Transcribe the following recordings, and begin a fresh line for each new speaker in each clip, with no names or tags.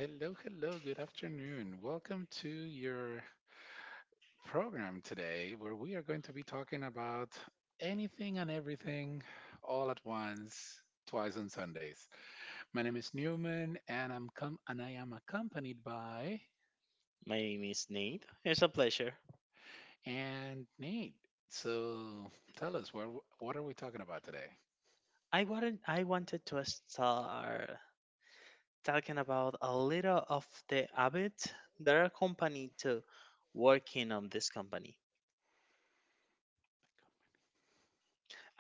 Hello, hello, good afternoon. Welcome to your program today, where we are going to be talking about anything and everything all at once, twice on Sundays. My name is Newman and I am accompanied by
My name is Nate. It's a pleasure.
and Nate. So tell us what are we talking about today?
I wanted to start talking about a little of the habit that accompany to working on this company.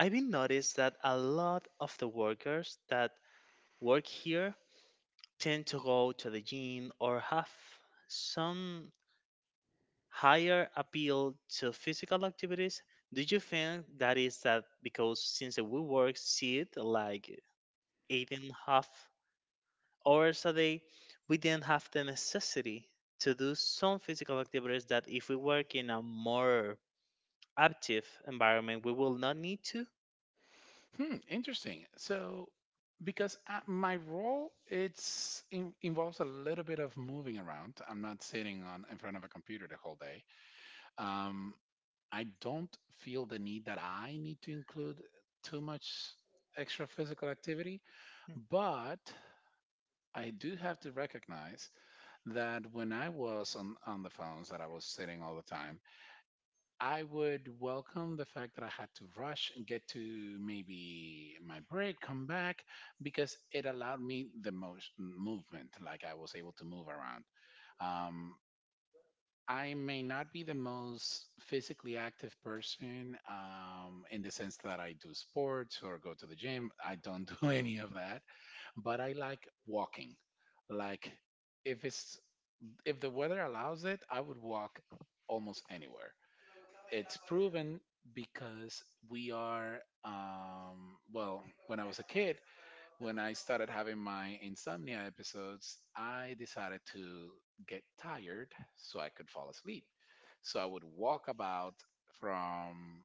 I've been noticed that a lot of the workers that work here tend to go to the gym or have some higher appeal to physical activities. Do you think that is that because since we work see it like eight and half hours a day, we didn't have the necessity to do some physical activities that if we work in a more active environment, we will not need to.
Hmm, interesting. So, because my role involves a little bit of moving around. I'm not sitting on in front of a computer the whole day. Um, I don't feel the need that I need to include too much extra physical activity, but I do have to recognize that when I was on the phones, that I was sitting all the time, I would welcome the fact that I had to rush and get to maybe my break, come back, because it allowed me the most movement. Like, I was able to move around. Um, I may not be the most physically active person in the sense that I do sports or go to the gym. I don't do any of that, but I like walking. Like, if it's if the weather allows it, I would walk almost anywhere. It's proven because we are, when I was a kid, when I started having my insomnia episodes, I decided to get tired so I could fall asleep. So I would walk about from,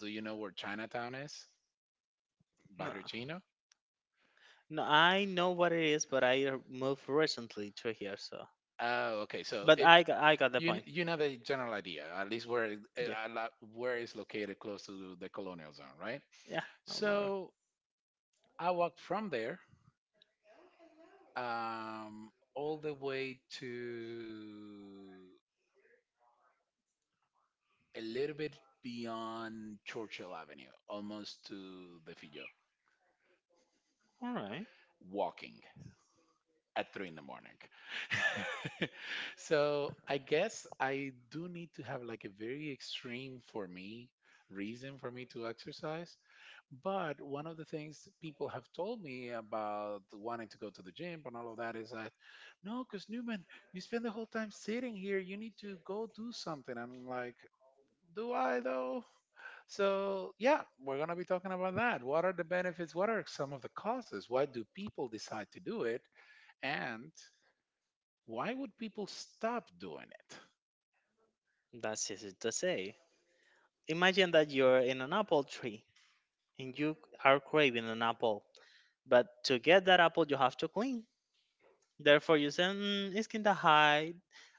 do you know where Chinatown is?
No,
Barrio Chino.
no I know what it is, but I moved recently to here, so.
Oh, okay. So
But
if
I got the point.
you know the general idea, at least where
Yeah,
where it's located close to the colonial zone, right?
yeah, no more.
So I walked from there all the way to a little bit beyond Churchill Avenue, almost to the Fillo,
All right.
walking at three in the morning. So I guess I do need to have like a very extreme, for me, reason for me to exercise. But one of the things people have told me about wanting to go to the gym and all of that is that, no, because Newman, you spend the whole time sitting here. You need to go do something. I'm like, do I though? So, yeah, we're going to be talking about that. What are the benefits? What are some of the causes? Why do people decide to do it? And why would people stop doing
That's easy to say. Imagine that you're in an apple tree and you are craving an apple, but to get that apple, you have to clean. Therefore, you say, "It's kinda high.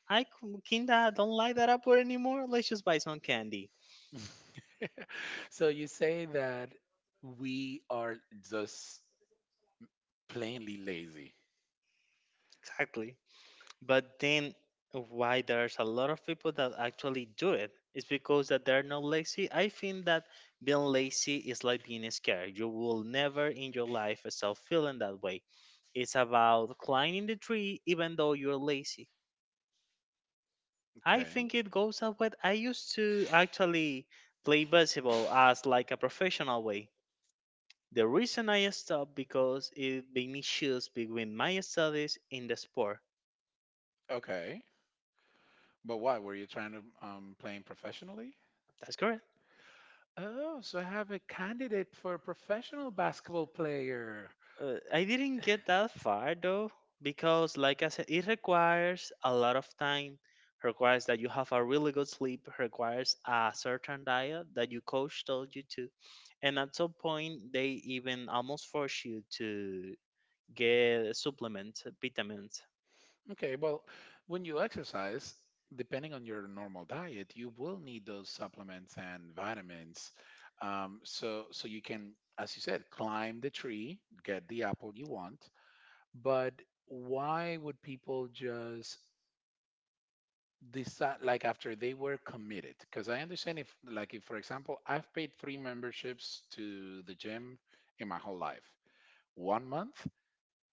Kinda don't like that apple anymore. Let's just buy some candy."
it? So, you say that we are just plainly lazy.
Exactly. But then, why there's a lot of people that actually do it? It's because that they're not lazy. I think that being lazy is like being scared. You will never in your life stop feeling that way. It's about climbing the tree even though you're lazy. I
Okay.
think it goes up with I used to actually play basketball as like a professional way. The reason I stopped because it made me choose between my studies and the sport.
Okay. But why? Were you trying to playing professionally?
That's correct.
Oh, so I have a candidate for a professional basketball player.
I didn't get that far though because like I said it requires a lot of time, requires that you have a really good sleep, requires a certain diet that your coach told you to. And at some point they even almost force you to get supplements, vitamins.
Okay, well, when you exercise, depending on your normal diet, you will need those supplements and vitamins. So you can, as you said, climb the tree, get the apple you want. But why would people just decide, like, after they were committed? Because I understand if, like, if for example, I've paid three memberships to the gym in my whole life, 1 month,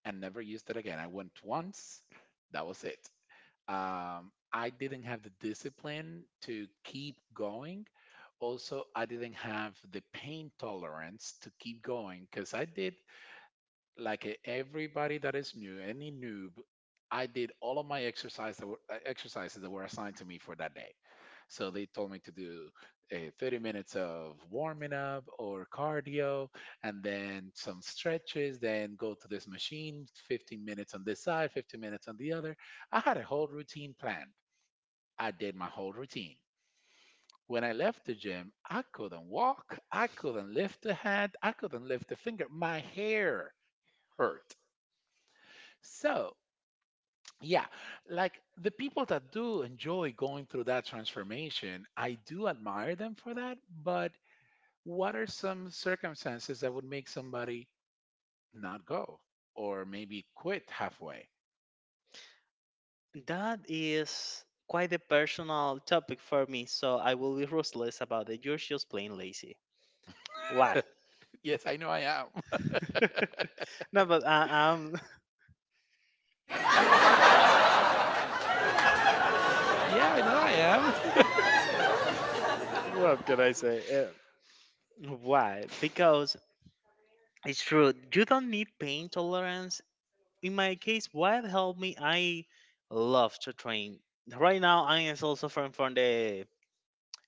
and never used it again. I went once, that was it. I didn't have the discipline to keep going. Also, I didn't have the pain tolerance to keep going because I did, like everybody that is new, any noob, I did all of my exercises that were assigned to me for that day. So they told me to do 30 minutes of warming up or cardio, and then some stretches, then go to this machine, 15 minutes on this side, 15 minutes on the other. I had a whole routine planned. I did my whole routine. When I left the gym, I couldn't walk, I couldn't lift a hand, I couldn't lift a finger. My hair hurt. So, yeah, like the people that do enjoy going through that transformation, I do admire them for that, but what are some circumstances that would make somebody not go or maybe quit halfway?
That is quite a personal topic for me, so I will be ruthless about it. You're just plain lazy. Why?
Yes, I know I am.
No, but I'm.
Yeah, I know I am.
What can I say? Why? Because it's true. You don't need pain tolerance. In my case, what helped me? I love to train. Right now, I am still suffering from the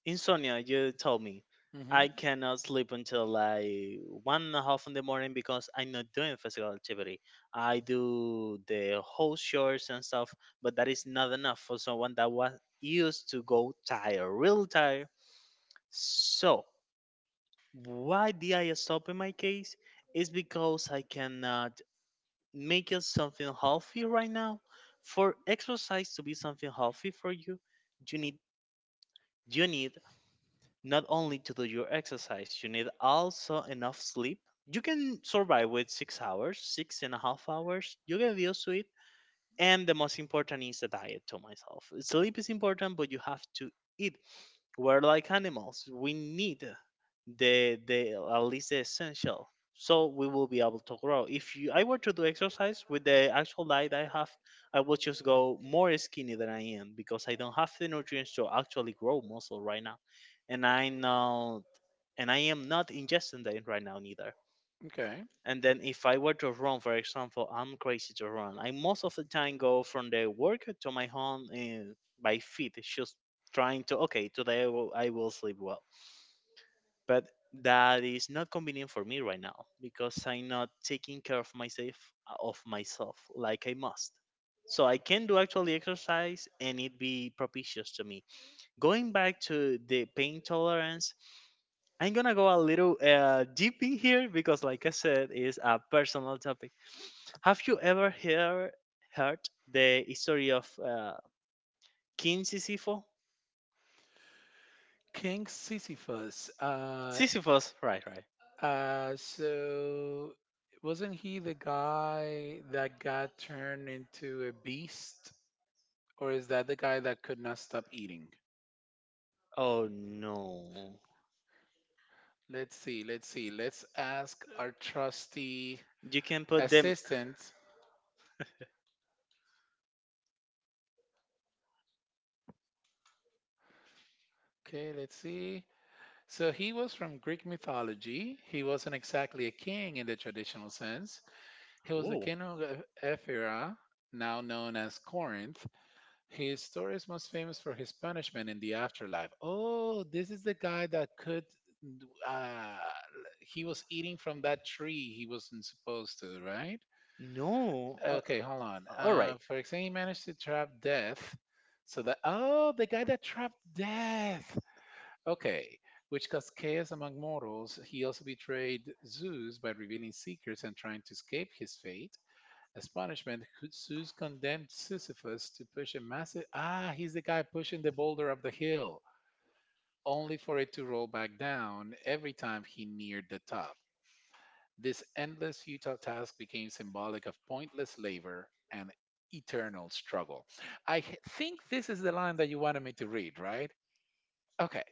insomnia, you told me. I
Hmm.
cannot sleep until like one and a half in the morning because I'm not doing physical activity. I do the whole chores and stuff, but that is not enough for someone that was used to go tired, real tired. So why did I stop in my case? Is because I cannot make it something healthy right now. For exercise to be something healthy for you, you need you need not only to do your exercise, you need also enough sleep. You can survive with 6 hours, 6.5 hours. You get used to it. And the most important is the diet to myself. Sleep is important, but you have to eat. We're like animals. We need the at least the essential, so we will be able to grow. If you, I were to do exercise with the actual diet I have, I will just go more skinny than I am because I don't have the nutrients to actually grow muscle right now, and I not and I am not ingesting that right now neither.
Okay.
And then if I were to run, for example, I'm crazy to run. I most of the time go from the work to my home by feet. It's just trying to, okay, today I will sleep well. But that is not convenient for me right now because I'm not taking care of myself, of myself like I must. So I can do actually exercise and it be propitious to me going back to the pain tolerance, I'm gonna go a little deep in here because, like I said, it's a personal topic. Have you ever heard the story of King Sisyphus?
King Sisyphus. Uh,
Sisyphus, right, right.
uh, so wasn't he the guy that got turned into a beast? Or is that the guy that could not stop eating?
Oh no,
Let's see, let's see. Let's ask our trusty
you can put them.
assistant. Okay, let's see. So he was from Greek mythology. He wasn't exactly a king in the traditional sense. He was the
Oh
king of Ephira, now known as Corinth. His story is most famous for his punishment in the afterlife. Oh, this is the guy that could. Uh, he was eating from that tree he wasn't supposed to, right?
no,
Okay, hold on.
all right.
For example, he managed to trap death. So that, oh, the guy that trapped death. Okay, which caused chaos among mortals. He also betrayed Zeus by revealing secrets and trying to escape his fate. As punishment, Zeus condemned Sisyphus to push a massive. Ah, he's the guy pushing the boulder up the hill, only for it to roll back down every time he neared the top. This endless, futile task became symbolic of pointless labor and eternal struggle. I think this is the line that you wanted me to read, right? Okay,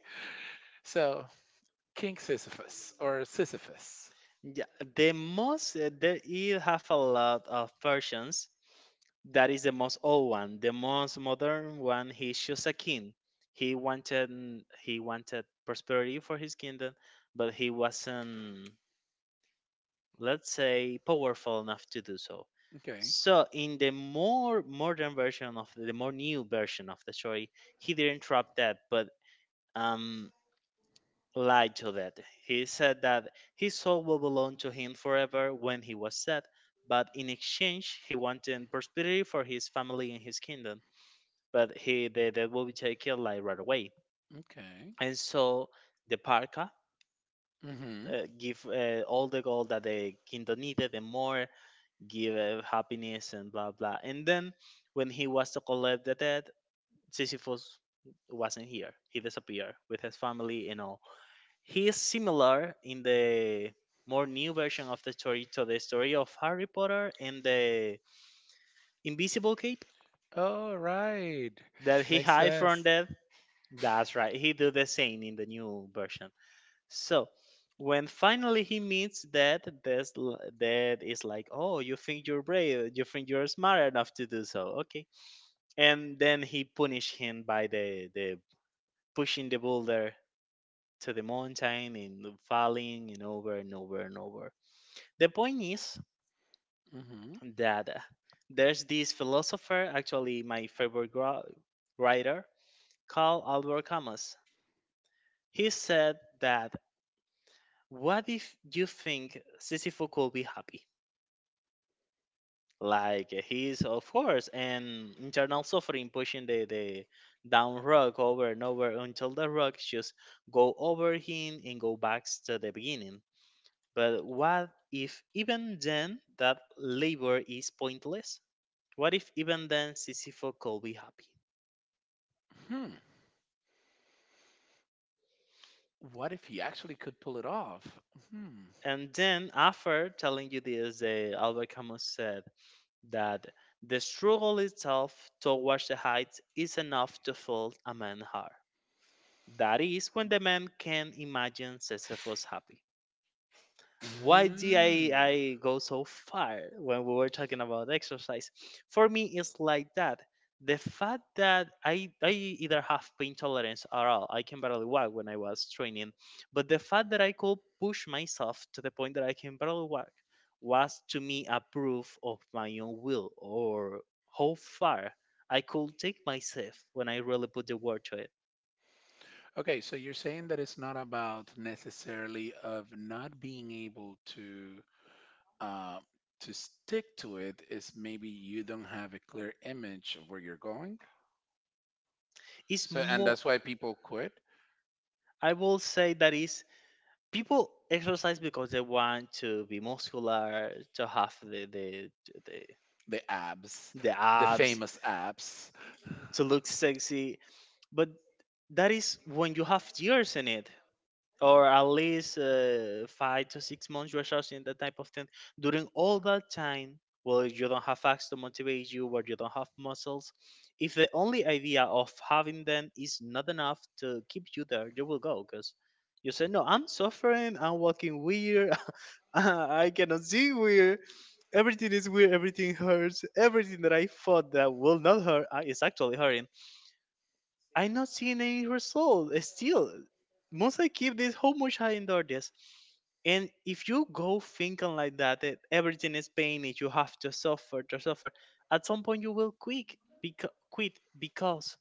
so King Sisyphus or Sisyphus.
Yeah, the most there you have a lot of versions. That is the most old one. The most modern one, he chose a king. He wanted he wanted prosperity for his kingdom, but he wasn't, let's say, powerful enough to do so.
Okay.
So in the more modern version of the more new version of the story, he didn't drop that, but um lied to that. He said that his soul will belong to him forever when he was dead, but in exchange he wanted prosperity for his family and his kingdom but he the dad will be taken like right away.
Okay.
And so the parka
Mm-hmm.
give all the gold that the kingdom needed and more, give happiness and blah blah. And then when he was to collect the dead, Sisyphus wasn't here. He disappeared with his family and all. He is similar in the more new version of the story to the story of Harry Potter and the Invisible Cape
All right.
that he
Makes
hide from
sense.
death. That's right. He do the same in the new version. So when finally he meets that, that is like, oh, you think you're brave, you think you're smart enough to do so, okay? And then he punished him by the pushing the boulder to the mountain and falling and over and over and over. The point is
Mm-hmm.
that there's this philosopher, actually my favorite writer, called Albert Camus. He said that what if you think Sisyphus could be happy? Like he's of course an internal suffering pushing the down rug over and over until the rugs just go over him and go back to the beginning. But what if even then that labor is pointless? What if even then Sisyphus could be happy?
Hmm. What if he actually could pull it off? Hmm.
And then after telling you this, Albert Camus said that the struggle itself towards the heights is enough to fill a man's heart. That is when the man can imagine Sisyphus was happy. Why did
Mm.
I go so far when we were talking about exercise? For me, it's like that. The fact that I either have pain tolerance or all, I can barely walk when I was training, but the fact that I could push myself to the point that I can barely walk was to me a proof of my own will or how far I could take myself when I really put the word to it.
Okay, so you're saying that it's not about necessarily of not being able uh, to stick to it. Is maybe you don't have a clear image of where you're going.
It's
So, and
more.
that's why people quit
I will say that is people exercise because they want to be muscular, to have the,
the abs,
the
the
abs,
famous abs.
to look sexy. But that is when you have years in it or at least 5 to 6 months you're searching that type of thing. During all that time well you don't have facts to motivate you or you don't have muscles. If the only idea of having them is not enough to keep you there you will go because you say no, I'm suffering, I'm walking weird, I cannot see weird, everything is weird, everything hurts, everything that I thought that will not hurt is actually hurting. I'm not seeing any result still. Must I keep this, how much I endure this? And if you go thinking like that, that everything is pain, that you have to suffer, at some point you will quit. Quit because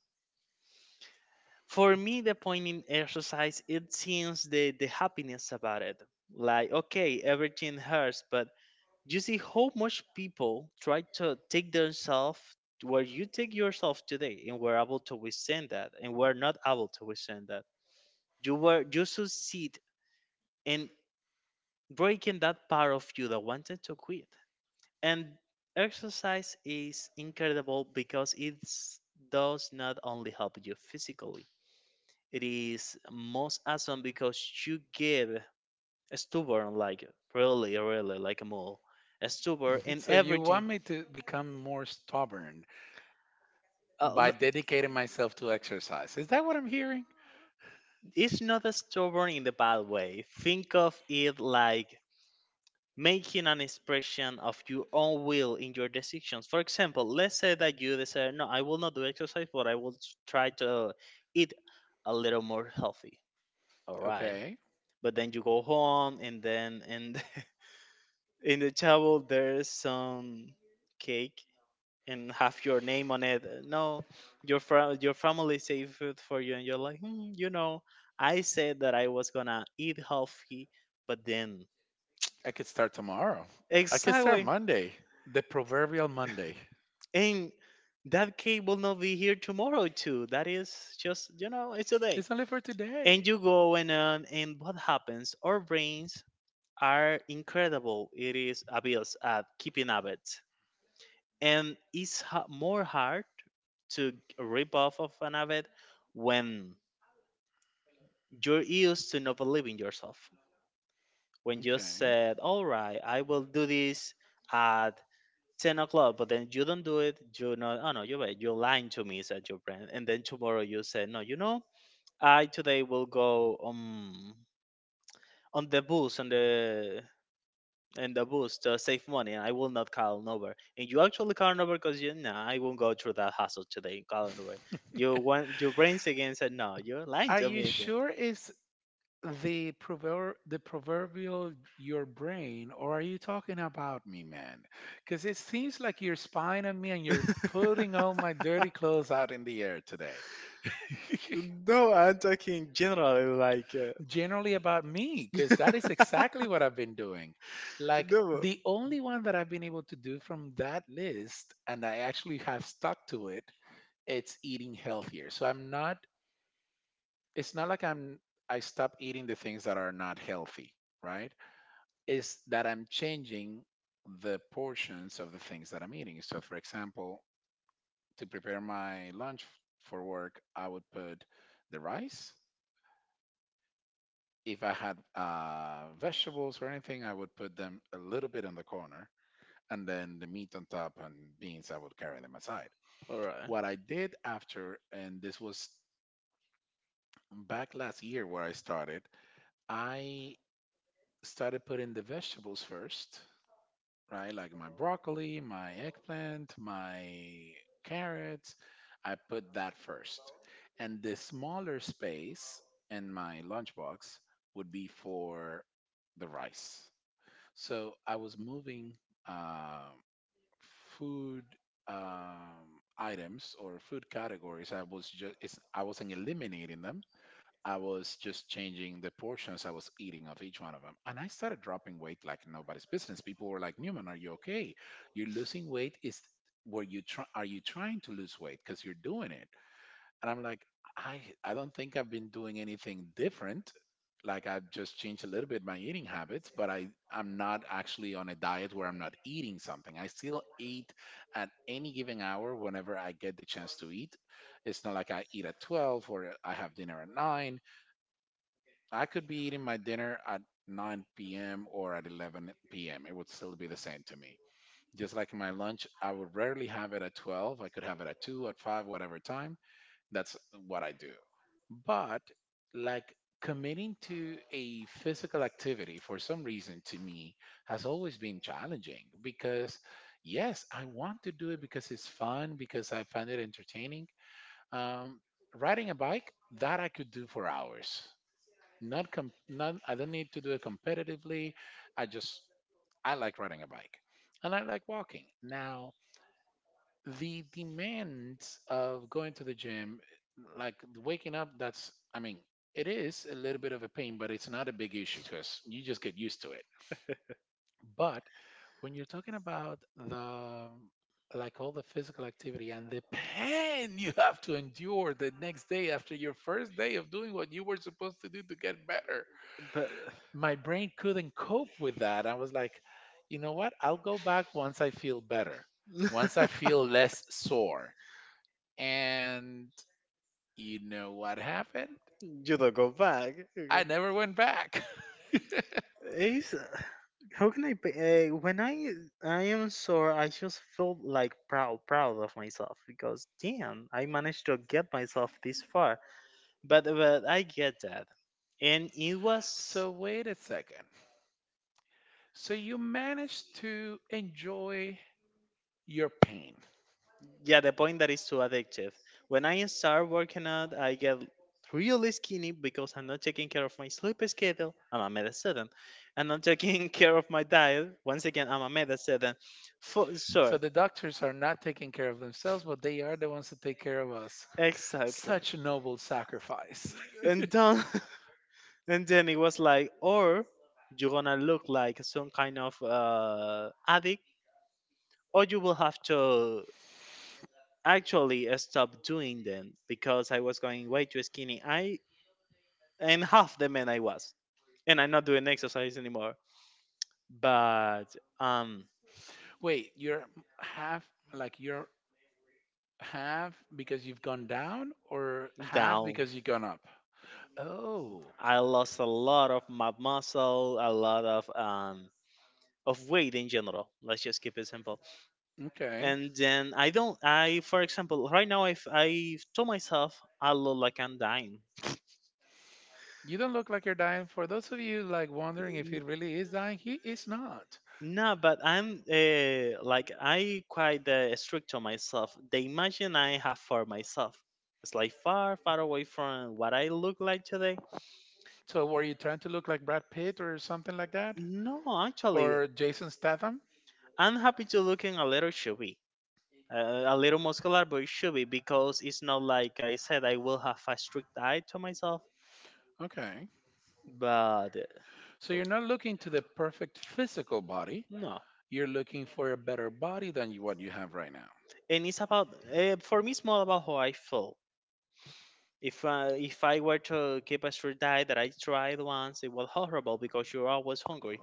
for me, the point in exercise, it seems the happiness about it. Like, okay, everything hurts, but do you see how much people try to take themselves to where you take yourself today and we're able to withstand that and we're not able to withstand that. You were you succeed in breaking that part of you that wanted to quit and exercise is incredible because it does not only help you physically. It is most awesome because you get stubborn like really really like a mole, stubborn in
So you
everything.
want me to become more stubborn
Uh,
by
l-
dedicating myself to exercise. Is that what I'm hearing?
it's not stubborn in the bad way. Think of it like making an expression of your own will in your decisions. For example, let's say that you decide, no, I will not do exercise, but I will try to eat a little more healthy. All right.
Okay.
But then you go home, and then in, in the table, there's some cake and have your name on it. No, your your family saved food for you, and you're like, hmm, you know, I said that I was gonna eat healthy, but then
I could start tomorrow. I could start
exactly,
Monday, the proverbial Monday.
and that cake will not be here tomorrow too. That is just you know, it's a day,
It's only for
and
today.
you go and on, and what happens? Our brains are incredible. It is abuse at keeping habits, and it's more hard to rip off of an habit when you're used to not believing yourself. When you
Okay.
said, all right, I will do this at 10 o'clock, but then you don't do it, you know, oh no, you're right, you're lying to me, said your friend. And then tomorrow you say, no, you know, I today will go on the bus, on the in the bus to save money, and I will not call an Uber. And you actually call an Uber because you, nah, I won't go through that hassle today, call an Uber. You want your brains again, said no, you're lying
Are
to
you
me again.
sure it's the proverb, the proverbial your brain, or are you talking about me, man? Because it seems like you're spying on me and you're putting all my dirty clothes out in the air today.
No, I'm talking generally, like,
Generally about me, because that is exactly what I've been doing. Like,
no.
the only one that I've been able to do from that list, and I actually have stuck to it, it's eating healthier. So I'm not, it's not like I stop eating the things that are not healthy, right? It's that I'm changing the portions of the things that I'm eating. So for example, to prepare my lunch for work, I would put the rice, if I had vegetables or anything, I would put them a little bit in the corner, and then the meat on top, and beans, I would carry them aside.
All right.
What I did after, and this was back last year where I started putting the vegetables first, right? Like my broccoli, my eggplant, my carrots. I put that first. And the smaller space in my lunchbox would be for the rice. So I was moving um, food items or food categories. I wasn't eliminating them. I was just changing the portions I was eating of each one of them, and I started dropping weight like nobody's business. People were like, "Newman, are you okay? You're losing weight. Is were you try- Are you trying to lose weight? Because you're doing it." And I'm like, I don't think I've been doing anything different. Like, I've just changed a little bit my eating habits, but I'm not actually on a diet where I'm not eating something. I still eat at any given hour whenever I get the chance to eat. It's not like I eat at 12 or I have dinner at 9. I could be eating my dinner at 9 p.m. or at 11 p.m. It would still be the same to me. Just like my lunch, I would rarely have it at 12. I could have it at 2, at 5, whatever time, that's what I do. But like, committing to a physical activity for some reason to me has always been challenging because, yes, I want to do it because it's fun, because I find it entertaining. Um, riding a bike, that I could do for hours. Not, com- not, I don't need to do it competitively. I just, I like riding a bike and I like walking. Now, the demands of going to the gym, like waking up, that's, I mean, it is a little bit of a pain, but it's not a big issue because you just get used to it. But when you're talking about the, like, all the physical activity and the pain you have to endure the next day after your first day of doing what you were supposed to do to get better,
But
my brain couldn't cope with that. I was like, you know what, I'll go back once I feel better, once I feel less sore. And you know what happened?
you don't go back.
I
Okay.
never went back.
Ace? How can I be? When I am sore, I just feel like proud, proud of myself because damn, I managed to get myself this far. But I get that, and it was,
So, wait a second. So, you managed to enjoy your pain.
yeah, the point that is too addictive. When I start working out, I get really skinny because I'm not taking care of my sleep schedule. I'm a med student. I'm not taking care of my diet. Once again, I'm a med student. For
So,
sure,
the doctors are not taking care of themselves, but they are the ones that take care of us.
exactly.
Such a noble sacrifice.
And then and then it was like, or you're gonna look like some kind of addict, or you will have to actually stop doing them because I was going way too skinny, I and half the man I was, and I'm not doing exercise anymore. But um
Wait, you're half, like, you're half because you've gone down, or half
down.
because you've gone up? Oh,
I lost a lot of my muscle, a lot of weight in general. Let's just keep it simple.
okay.
And then I don't, I for example right now I've told myself I look like I'm dying.
You don't look like you're dying. For those of you like wondering if he
N-
really is dying, he is not.
no, but I'm like, I quite strict on myself. The imagine I have for myself, it's like far far away from what I look like today.
So were you trying to look like Brad Pitt or something like that?
No, actually
Or Jason Statham?
I'm happy to looking a little chubby, a little muscular but chubby, because it's not like I said I will have a strict diet to myself.
Okay.
But
So
uh,
you're not looking to the perfect physical body.
no.
You're looking for a better body than you, what you have right now.
And it's about, for me it's more about how I feel. If if I were to keep a street diet that I tried once, it was horrible because you're always hungry.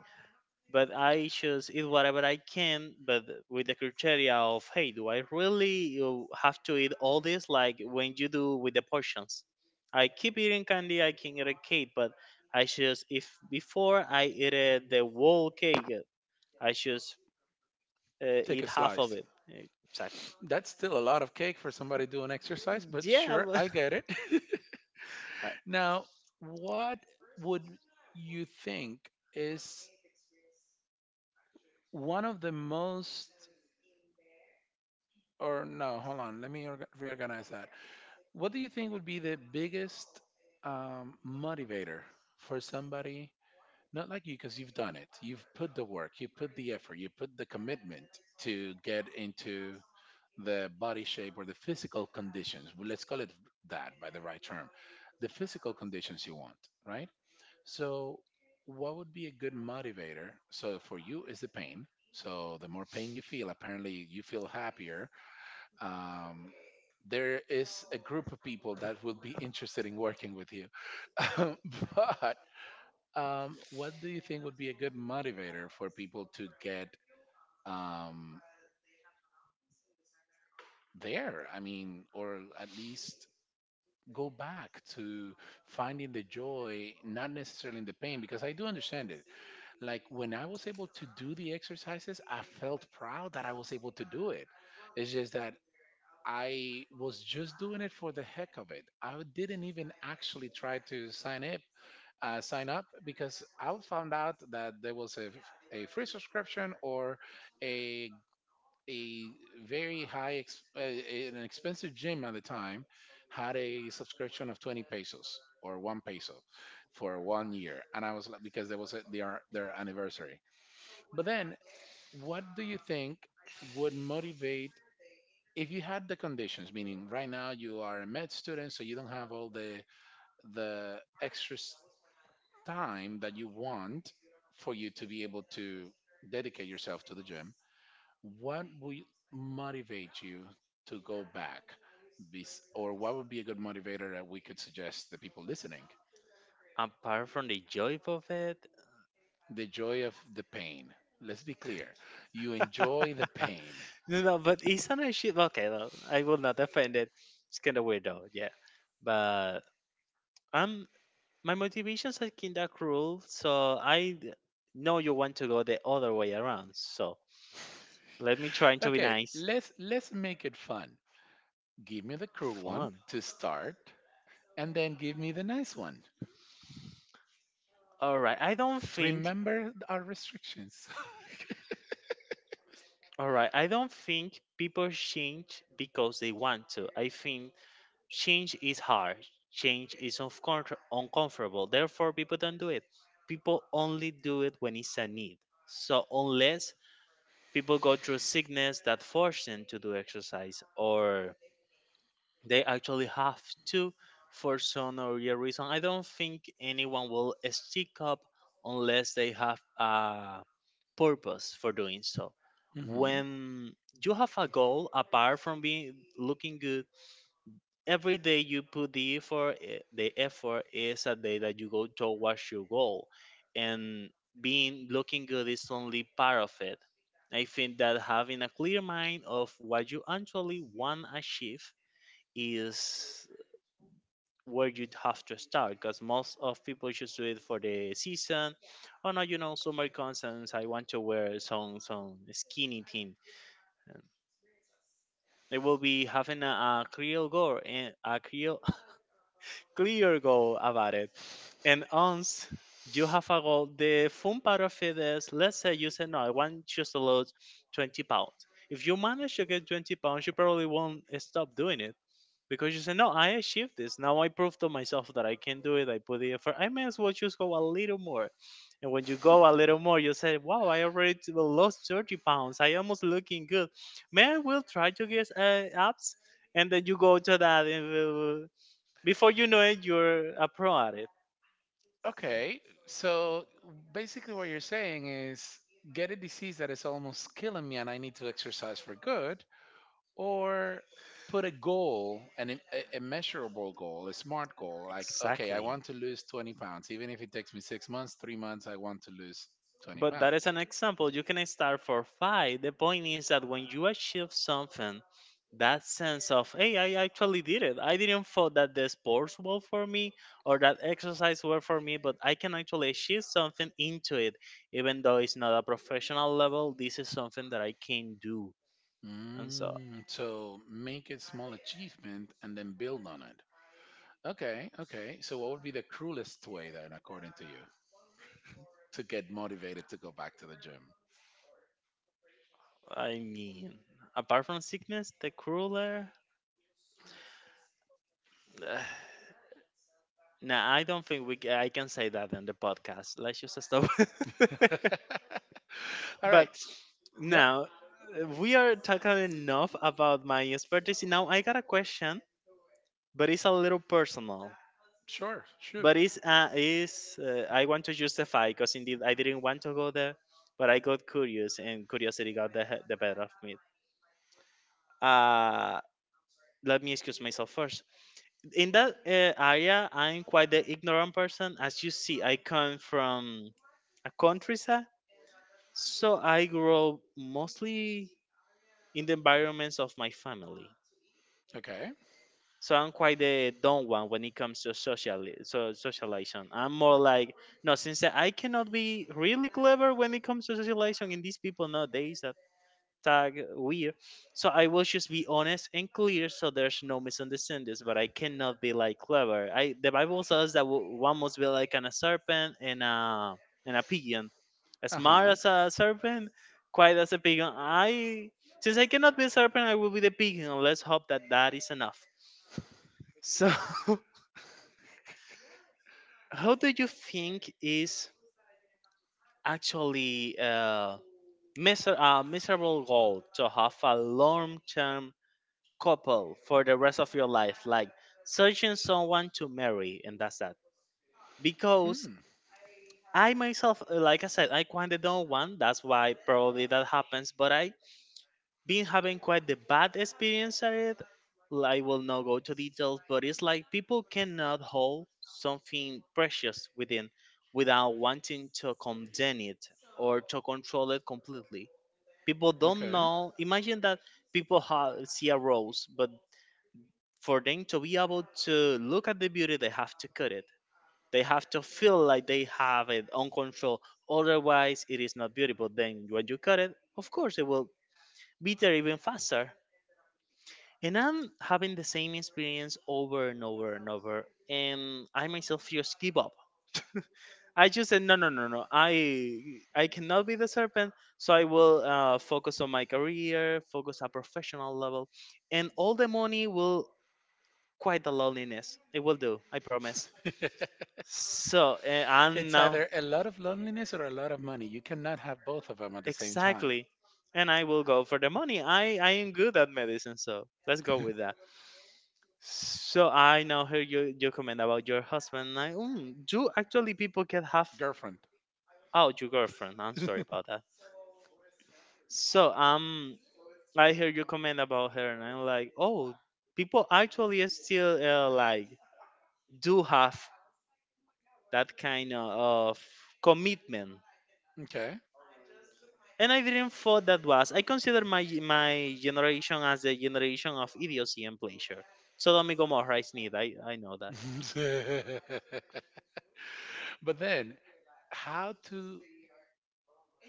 But I just eat whatever I can, but with the criteria of, hey, do I really have to eat all this, like when you do with the portions. I keep eating candy, I can eat a cake, but I just, if before I eat the whole cake, I just
Take
eat
a
half of
slice.
it. Exactly.
That's still a lot of cake for somebody doing exercise, but
Yeah,
sure,
but
I get it. Now, what would you think is one of the most or no, hold on. Let me reorganize that. What do you think would be the biggest motivator for somebody, not like you, because you've done it, you've put the work, you put the effort, you put the commitment to get into the body shape or the physical conditions. Well, let's call it that by the right term, the physical conditions you want, right? So, what would be a good motivator? So, for you is the pain. So, the more pain you feel, apparently you feel happier. um, there is a group of people that will be interested in working with you. But what do you think would be a good motivator for people to get um, there? I mean, or at least go back to finding the joy, not necessarily in the pain, because I do understand it. Like when I was able to do the exercises, I felt proud that I was able to do it. It's just that I was just doing it for the heck of it. I didn't even actually try to sign up because I found out that there was a free subscription or a a very high an expensive gym at the time had a subscription of 20 pesos or 1 peso for 1 year and I was like because there was their anniversary. But then what do you think would motivate if you had the conditions, meaning right now you are a med student, so you don't have all the extra time that you want for you to be able to dedicate yourself to the gym, what would motivate you to go back? Or what would be a good motivator that we could suggest the people listening?
apart from the joy of it,
The joy of the pain. Let's be clear. You enjoy the pain.
no, no, but isn't it shit? Okay, no, I will not offend it. It's kind of weird though, yeah. But um, my motivations are kind of cruel, so I know you want to go the other way around. So let me try to be
Okay,
nice.
let's make it fun. Give me the cruel one
Fun.
to start and then give me the nice one.
All right, I don't think.
Remember our restrictions.
All right, I don't think people change because they want to. I think change is hard, change is uncomfortable, therefore people don't do it. People only do it when it's a need. So unless people go through sickness that force them to do exercise, or they actually have to for some or other reason, I don't think anyone will stick up unless they have a purpose for doing so.
Hmm.
When you have a goal apart from being looking good, every day you put the effort, the effort is a day that you go towards your goal. And being looking good is only part of it. I think that having a clear mind of what you actually want to achieve is where you have to start, because most of people just do it for the season, or not, you know, summer concerts, I want to wear some skinny thing. They will be having a clear goal and a clear clear goal about it. And once you have a goal, the fun part of it is, let's say you say, no, I want just to lose 20 pounds. If you manage to get 20 pounds, you probably won't stop doing it, because you say, no, I achieved this, now I proved to myself that I can do it, I put the effort, I may as well just go a little more. And when you go a little more you say, wow, I already lost 30 pounds, I almost looking good, man, we'll try to get abs. And then you go to that, and before you know it, you're a pro at it.
Okay, so basically what you're saying is get a disease that is almost killing me and I need to exercise for good, or put a goal, a measurable goal, a smart goal, like, okay, I
Exactly.
want to lose 20 pounds. Even if it takes me 6 months, 3 months, I want to lose 20
But that is
pounds.
an example. You can start for five. The point is that when you achieve something, that sense of, hey, I actually did it. I didn't thought that the sports were for me or that exercise were for me, but I can actually achieve something into it. Even though it's not a professional level, this is something that I can do. And so,
Mm, so make a small achievement and then build on it. Okay, okay. So what would be the cruelest way then, according to you, to get motivated to go back to the gym?
I mean, apart from sickness, the crueler Uh, no, I don't think we. I can say that in the podcast. Let's just stop.
All
But
right. Yep.
now we are talking enough about my expertise. Now I got a question, but it's a little personal.
Sure. Shoot.
But it's is I want to justify because indeed I didn't want to go there, but I got curious and curiosity got the better of me. Uh, let me excuse myself first. In that area I'm quite the ignorant person. As you see, I come from a countryside, so I grew up mostly in the environments of my family.
Okay.
So I'm quite the dumb one when it comes to social, so socialization. I'm more like, no, since I cannot be really clever when it comes to socialization in these people nowadays that tag weird. So I will just be honest and clear, so there's no misunderstandings. But I cannot be like clever. I the Bible says that one must be like a serpent and a pigeon, as
Uh
smart
huh.
as a serpent, quiet as a pigeon. I since I cannot be a serpent, I will be the pigeon. Let's hope that that is enough. So, how do you think is actually miserable goal to have a long term couple for the rest of your life, like searching someone to marry, and that's that. Because
Hmm.
I myself, like I said, I kinda don't want. That's why probably that happens. But I been having quite the bad experience at it. I will not go to details, but it's like people cannot hold something precious within without wanting to condemn it or to control it completely. People don't
Okay.
know. Imagine that people see a rose, but for them to be able to look at the beauty they have to cut it. They have to feel like they have it on control, otherwise it is not beautiful. Then when you cut it, of course it will be there even faster. And I'm having the same experience over and over and over, and I myself just give up. I just said no, no, no, no. I cannot be the serpent, so I will focus on my career, focus at professional level, and all the money will quite the loneliness. It will do, I promise. So, and
It's
now,
either a lot of loneliness or a lot of money. You cannot have both of them at the same time.
exactly. And I will go for the money. I am good at medicine, so let's go with that. So I now heard your comment about your husband. And I, mm, do actually people can have,
Girlfriend.
oh, your girlfriend. I'm sorry about that. So I heard your comment about her, and I'm like, oh, people actually still like do have that kind of commitment.
Okay.
And I didn't thought that was. I consider my generation as the generation of idiocy and pleasure. So Sodom and Gomorrah is need. I know that.
But then, how to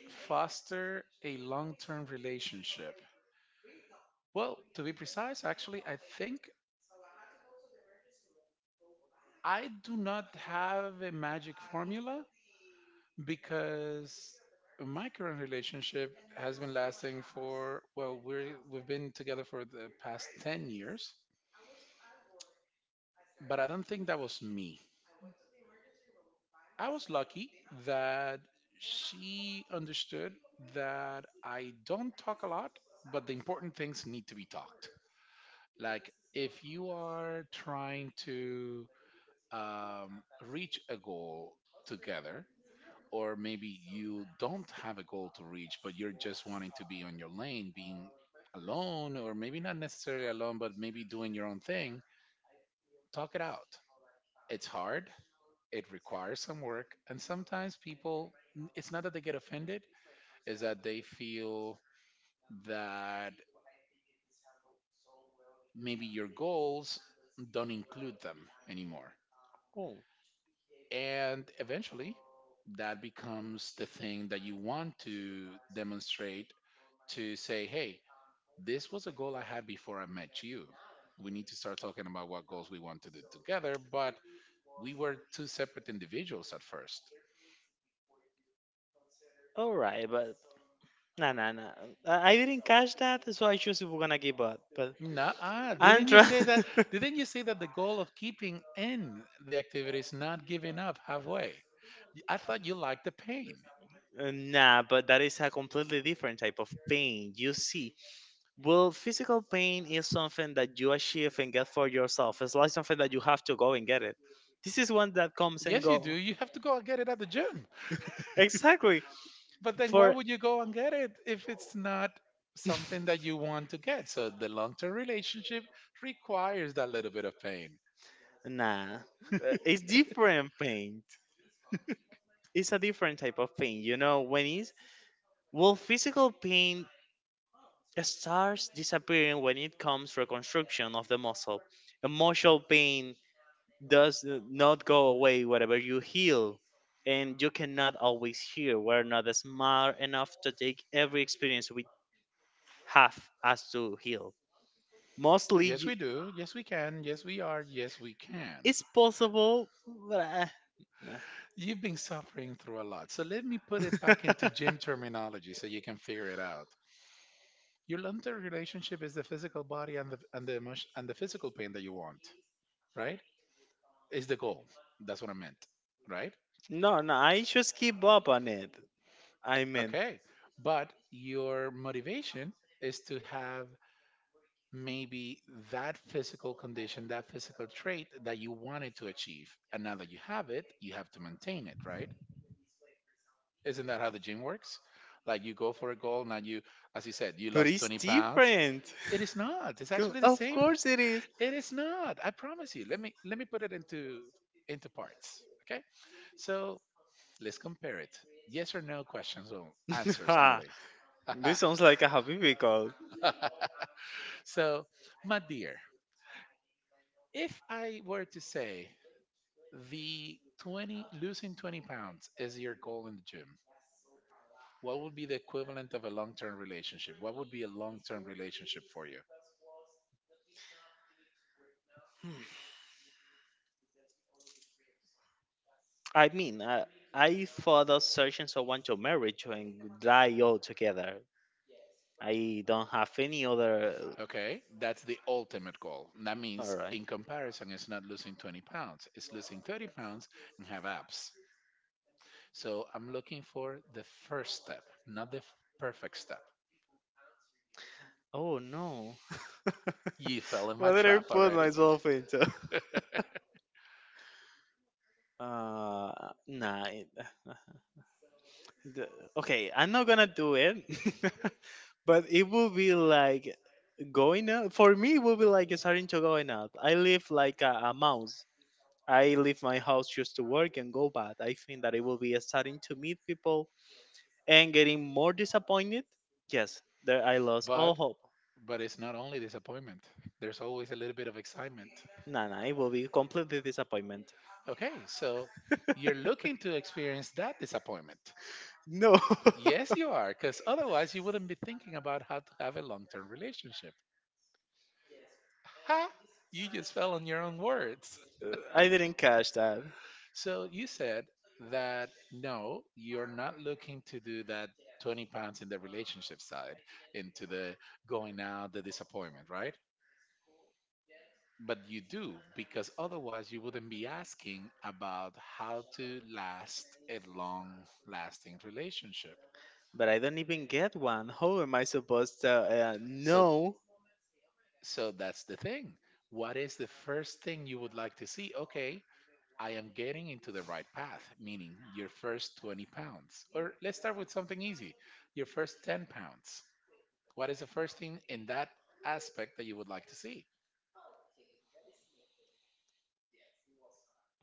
foster a long term relationship? Well, to be precise, actually, I think I do not have a magic formula because my current relationship has been lasting for, well, we've been together for the past 10 years, but I don't think that was me. I was lucky that she understood that I don't talk a lot, but the important things need to be talked. Like, if you are trying to um, reach a goal together, or maybe you don't have a goal to reach, but you're just wanting to be on your lane, being alone, or maybe not necessarily alone, but maybe doing your own thing, talk it out. It's hard, it requires some work, and sometimes people, it's not that they get offended, is that they feel that maybe your goals don't include them anymore.
Oh,
And eventually, that becomes the thing that you want to demonstrate, to say, hey, this was a goal I had before I met you. We need to start talking about what goals we want to do together, but we were two separate individuals at first.
all right, but nah, nah, nah. I didn't catch that, so I choose if we're gonna give up. But
Nah, didn't you
Antra,
say that? Didn't you say that the goal of keeping in the activity is not giving up halfway? I thought you liked the pain.
Nah, but that is a completely different type of pain. You see, well, physical pain is something that you achieve and get for yourself. It's like something that you have to go and get it. This is one that comes and
Yes, you do.
go.
You have to go and get it at the gym.
Exactly.
But then why
For
would you go and get it if it's not something that you want to get? So the long term relationship requires that little bit of pain.
nah, it's different paint. It's a different type of paint. You know when it's, well, physical pain starts disappearing when it comes reconstruction of the muscle. Emotional pain does not go away whenever you heal, and you cannot always heal. We're not smart enough to take every experience we have as to heal. Mostly,
Yes,
you,
we do. Yes, we can. Yes, we are. Yes, we can.
it's possible, but.
You've been suffering through a lot. So let me put it
Nah.
back into gym terminology so you can figure it out. Your long term relationship is the physical body and the emotion, and the physical pain that you want, right? Is the goal. That's what I meant, right?
No, no, I just keep up on it. I mean,
Okay. But your motivation is to have maybe that physical condition, that physical trait that you wanted to achieve. And now that you have it, you have to maintain it, right? Isn't that how the gym works? Like you go for a goal, now you, as you said, you
but
lost
it's
20 pounds.
different.
It is not. It's actually the
Of
same.
course it is.
It is not. I promise you. Let me put it into parts. Okay. So let's compare it. Yes or no questions or answers
Ha,
only.
this sounds like a Habibi call.
So, my dear, if I were to say the 20 losing 20 pounds is your goal in the gym. What would be the equivalent of a long-term relationship? What would be a long-term relationship for you?
I mean, I thought of searching someone to marry to and die all together. I don't have any other.
Okay, that's the ultimate goal. And that means
Alright.
in comparison, it's not losing 20 pounds, it's losing 30 pounds and have abs. So I'm looking for the first step, not the perfect step.
Oh no.
You fell in
What
my
did I
trap
put
already.
myself into? Uh, nah. The- okay, I'm not gonna do it. but it will be like going up. For me will be like starting to going up. I live like a mouse. I leave my house just to work and go back. I think that it will be starting to meet people and getting more disappointed. Yes, there I lost all
but
hope.
but it's not only disappointment. There's always a little bit of excitement.
Nah, nah, it will be completely disappointment.
Okay, so you're looking to experience that disappointment.
No,
Yes, you are, because otherwise you wouldn't be thinking about how to have a long term relationship. Ha! You just fell on your own words.
I didn't catch that.
So you said that no, you're not looking to do that 20 pounds in the relationship side, into the going out, the disappointment, right? But you do, because otherwise you wouldn't be asking about how to last a long lasting relationship.
But I don't even get one. How am I supposed to
So
know?
So that's the thing. What is the first thing you would like to see? Okay, I am getting into the right path, meaning your first 20 pounds. Or let's start with something easy, your first 10 pounds. What is the first thing in that aspect that you would like to see?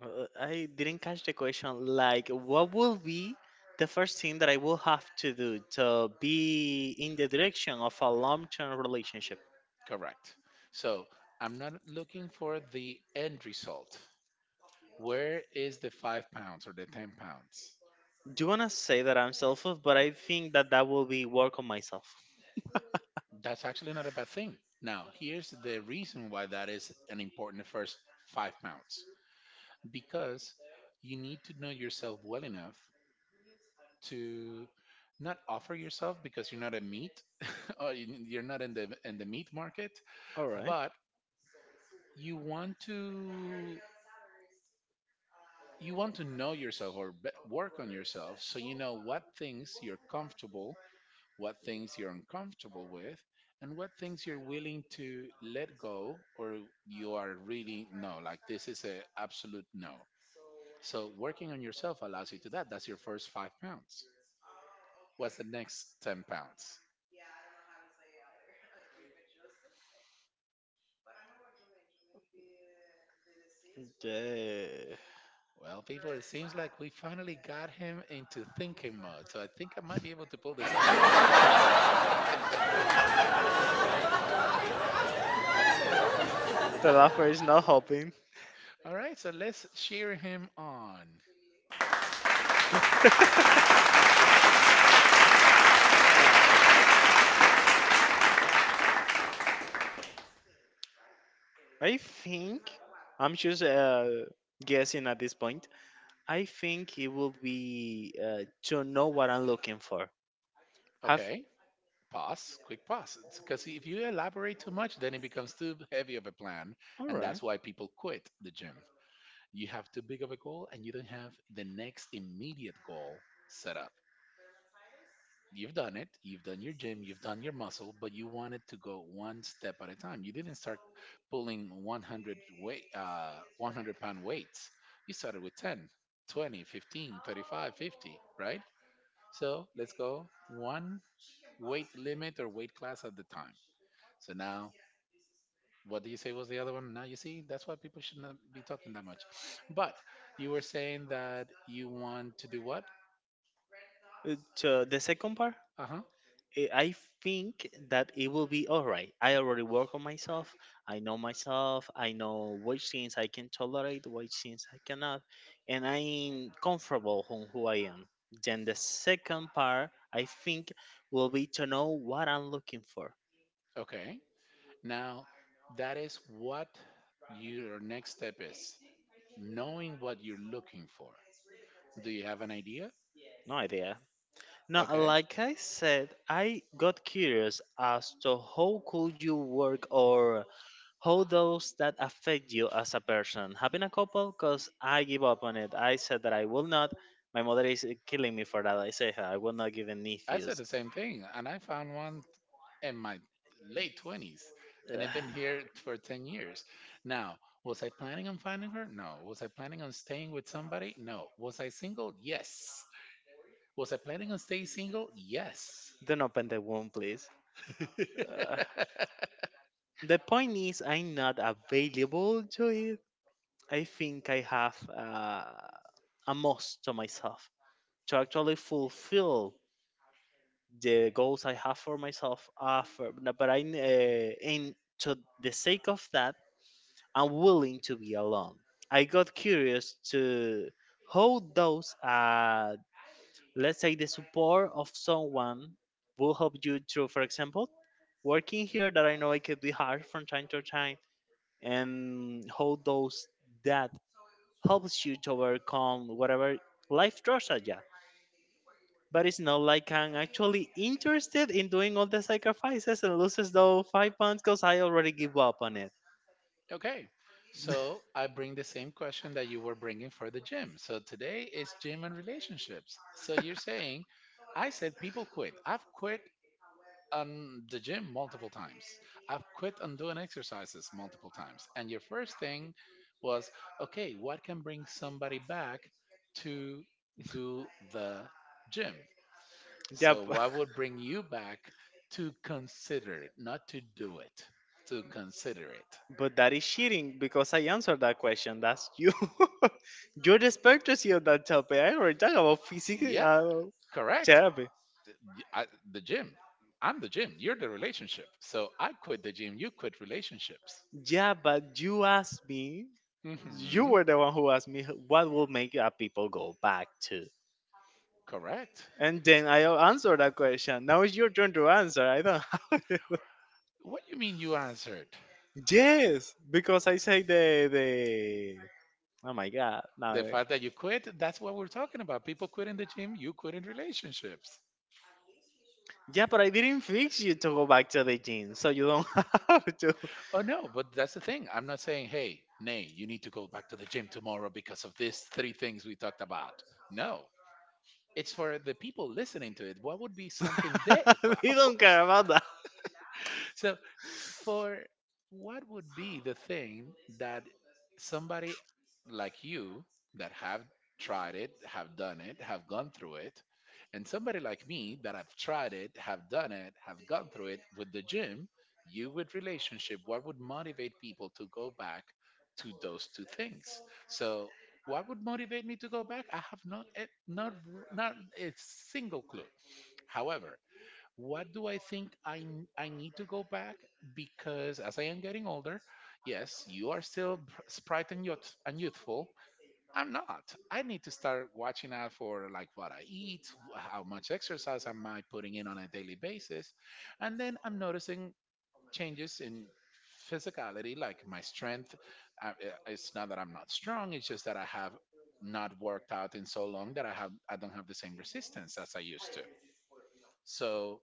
I didn't catch the question. Like, what will be the first thing that I will have to do to be in the direction of a long term relationship?
Correct. So I'm not looking for the end result. Where is the 5 pounds or the 10 pounds?
Do you want to say that I'm selfish? But I think that that will be work on myself.
That's actually not a bad thing. Now, here's the reason why that is an important first 5 pounds, because you need to know yourself well enough to not offer yourself because you're not a meat or you're not in the in the meat market,
All right.
but you want to, you want to know yourself or work on yourself so you know what things you're comfortable, what things you're uncomfortable with, and what things you're willing to let go or you are really no, like this is a absolute no. So working on yourself allows you to that. That's your first 5 pounds. What's the next 10 pounds?
Yeah.
Well, people, it seems like we finally got him into thinking mode. So I think I might be able to pull this off.
The laughter is not helping.
All right, so let's cheer him on.
Uh, I think I'm just guessing at this point. I think it will be to know what I'm looking for. Have
Okay, pause, quick pause. Because if you elaborate too much, then it becomes too heavy of a plan.
all
And
right.
that's why people quit the gym. You have too big of a goal and you don't have the next immediate goal set up. You've done it. You've done your gym. You've done your muscle, but you wanted to go one step at a time. You didn't start pulling 100 weight, 100 pound weights. You started with 10, 20, 15, 35, 50, right? So let's go one weight limit or weight class at the time. So now, what do you say was the other one? Now you see, that's why people should not be talking that much. But you were saying that you want to do what?
It, the second part,
Uh huh.
I think that it will be all right. I already work on myself. I know myself. I know which things I can tolerate, which things I cannot, and I'm comfortable on who I am. Then the second part, I think, will be to know what I'm looking for.
Okay. Now, that is what your next step is knowing what you're looking for. Do you have an idea?
No idea. No,
Okay.
like I said, I got curious as to how could you work or how does that affect you as a person? Having a couple, because I give up on it. I said that I will not. My mother is killing me for that. I say her, I will not give any
I said
views.
the same thing, and I found one in my late 20s, and
Ugh,
I've been here for 10 years. Now, was I planning on finding her? No. Was I planning on staying with somebody? No. Was I single? Yes. Was I planning on staying single? Yes.
don't open the wound, please. Ugh. The point is, I'm not available to it. I think I have a must to myself to actually fulfill the goals I have for myself. After, but and to the sake of that, and willing to be alone. I got curious to how those, let's say, the support of someone will help you through, for example, working here that I know it could be hard from time to time, and how those that helps you to overcome whatever life throws at you. But it's not like I'm actually interested in doing all the sacrifices and loses those 5 pounds because I already give up on it.
Okay, so I bring the same question that you were bringing for the gym. So today is gym and relationships. So you're saying, I said people quit. I've quit on the gym multiple times, I've quit on doing exercises multiple times. And your first thing was, okay, what can bring somebody back to do the gym? So,
Yep.
what would bring you back to consider it, not to do it, to consider it?
But that is cheating because I answered that question. That's you. You're the expertise on that topic. I already talked about physical
Yeah, correct.
therapy.
I, the gym. I'm the gym. You're the relationship. So I quit the gym. You quit relationships.
Yeah, but you asked me. You
Hmm.
were the one who asked me what will make people go back to.
Correct.
And then I answered that question. Now it's your turn to answer. I don't have it.
What do you mean you answered?
Yes, because I say the. Oh my god! Now
The
I-
fact that you quit, that's what we're talking about. People quit in the gym, you quit in relationships.
Yeah, but I didn't fix you to go back to the gym, so you don't have to.
Oh, no, but that's the thing. I'm not saying, hey, Nay, you need to go back to the gym tomorrow because of these three things we talked about. No, it's for the people listening to it. What would be something they,
we
of
don't
course.
care about that.
So for what would be the thing that somebody like you that have tried it, have done it, have gone through it, and somebody like me that have tried it, have done it, have gone through it with the gym, you with relationship, what would motivate people to go back to those two things? So, what would motivate me to go back? I have not, not, not a single clue. However, what do I think I need to go back because as I am getting older, yes, you are still spry and youthful. I'm not. I need to start watching out for like what I eat, how much exercise am I putting in on a daily basis, and then I'm noticing changes in physicality, like my strength. It's not that I'm not strong; it's just that I have not worked out in so long that I don't have the same resistance as I used to. So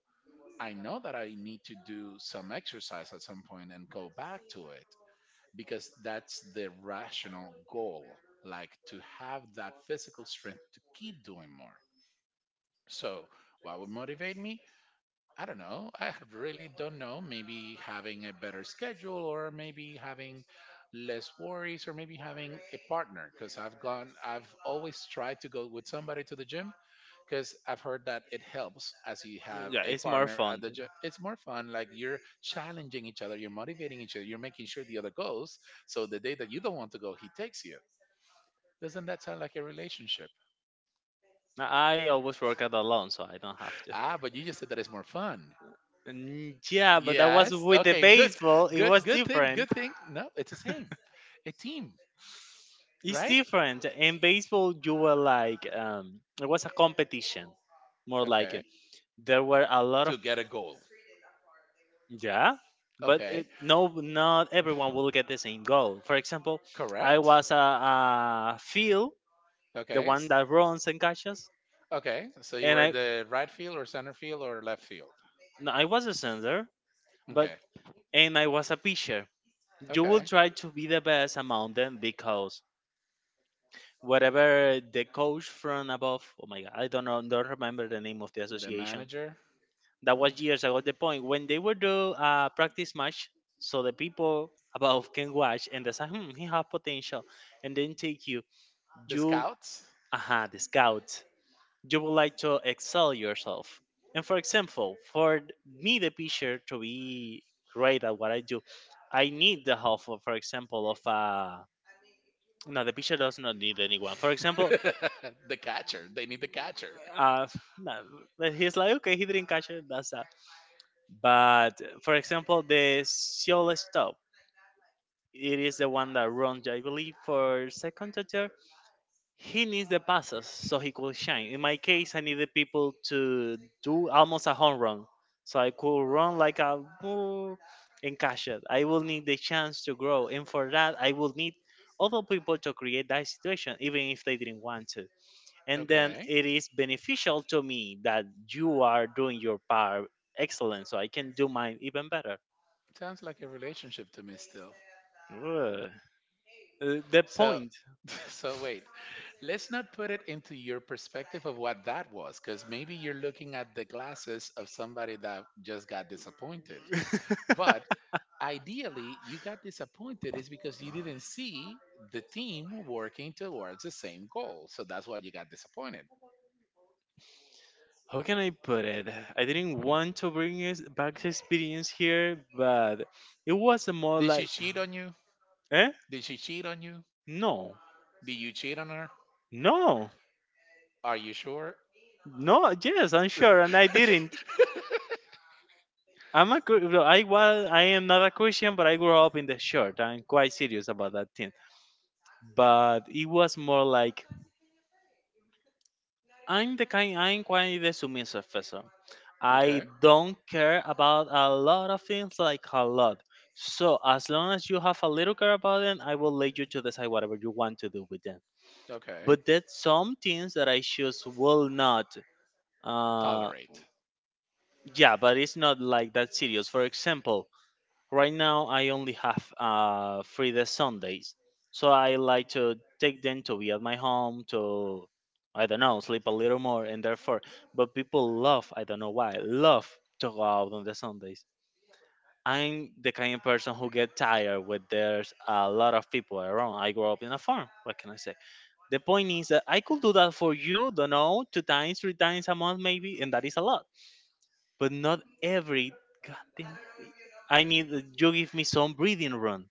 I know that I need to do some exercise at some point and go back to it because that's the rational goal, like to have that physical strength to keep doing more. So, what would motivate me? I don't know. I really don't know. Maybe having a better schedule, or maybe having less worries, or maybe having a partner. Because I've always tried to go with somebody to the gym, because I've heard that it helps as you have
Yeah,
a
it's more
partner at
fun.
the job. It's more fun. Like you're challenging each other, you're motivating each other, you're making sure the other goes. So the day that you don't want to go, he takes you. Doesn't that sound like a relationship?
I always work out alone, so I don't have to.
Ah, but you just said that it's more fun.
Mm, yeah, but that was
Yes.
with the
Okay. Good.
baseball. It
Good.
was
Good thing.
different.
Good thing. No, it's the same. A team,
It's
right?
different. In baseball, you were like, it was a competition. More like
Okay.
there were a lot
To
of.
get a goal.
Yeah, but
Okay.
it, no, not everyone will get the same goal. For example, I
Correct.
was a Phil, the
Okay.
one that runs and catches,
Okay. So you
and
were
I
the right field or center field or left field.
no, I was a center, but
Okay.
and I was a pitcher. You will
Okay.
try to be the best among them because whatever the coach from above. Oh my god, I don't know, don't remember the name of the
The
association.
manager,
That was years ago the point when they would do a practice match so the people above can watch and they say hmm, he have potential and then take you.
the
you
scouts,
aha, the scouts. You would like to excel yourself, and for example, for me the pitcher to be great at what I do, I need the help of, for example, of no, the pitcher does not need anyone. For example,
the catcher. They need the catcher.
uh, no, but he's like, okay, he didn't catch it, that's that. But for example, the solo stop. It is the one that runs, I believe, for second teacher. He needs the passes so he could shine. In my case, I needed people to do almost a home run, so I could run like a bull and cash it. I will need the chance to grow, and for that, I will need other people to create that situation, even if they didn't want to. And then
Okay,
it is beneficial to me that you are doing your part excellent, so I can do mine even better.
sounds like a relationship to me still.
Ugh. The
So,
point.
so wait. Let's not put it into your perspective of what that was, because maybe you're looking at the glasses of somebody that just got disappointed. But ideally, you got disappointed is because you didn't see the team working towards the same goal. So that's why you got disappointed.
How can I put it? I didn't want to bring his back experience here, but it was a more
Did she
like,
cheat on you?
eh?
Did she cheat on you?
No,
Did you cheat on her?
no,
Are you sure?
no. Yes, I'm sure, and I didn't. I'm a, no, I was, I am not a Christian, but I grew up in the church. I'm quite serious about that thing. But it was more like I'm the kind. I'm quite the submissive person. I
Okay.
don't care about a lot of things, like a lot. So as long as you have a little care about it, I will let you to decide whatever you want to do with them.
Okay.
But there's some things that I just will not. Uh,
Tolerate.
yeah, but it's not like that serious. For example, right now, I only have free the Sundays, so I like to take them to be at my home to, I don't know, sleep a little more, and therefore, but people love, I don't know why, love to go out on the Sundays. I'm the kind of person who get tired when there's a lot of people around. I grew up in a farm. What can I say? The point is that I could do that for you, don't know, two times, three times a month maybe, and that is a lot. But not every goddamn I need you give me some breathing room.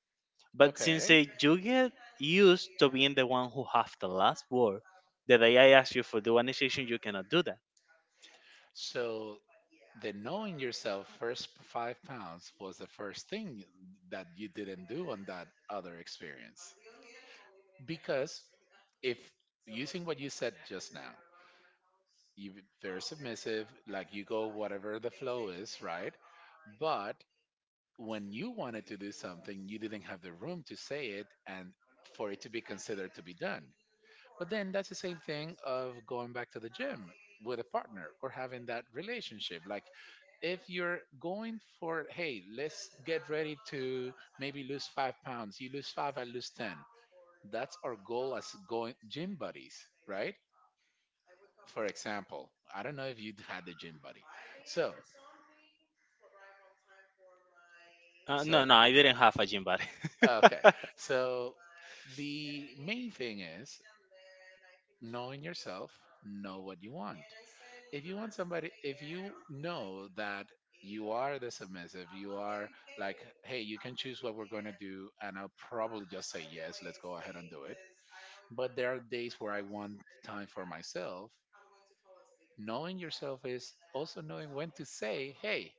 But since
Okay.
you get used to being the one who have the last word, the day I ask you for the one decision, you cannot do that.
So the knowing yourself first 5 pounds was the first thing that you didn't do on that other experience. Because if using what you said just now, you very submissive, like you go whatever the flow is, right? But when you wanted to do something, you didn't have the room to say it and for it to be considered to be done. But then that's the same thing of going back to the gym with a partner or having that relationship. Like if you're going for, hey, let's get ready to maybe lose 5 pounds, you lose five, I lose 10. That's our goal as going gym buddies, right? For example, I don't know if you had the gym buddy. So,
No,
so,
no, I didn't have a gym buddy.
okay. So the main thing is knowing yourself, know what you want. If you want somebody, if you know that you are the submissive, you are like, hey, you can choose what we're going to do and I'll probably just say yes, let's go ahead and do it, but there are days where I want time for myself. Knowing yourself is also knowing when to say, hey,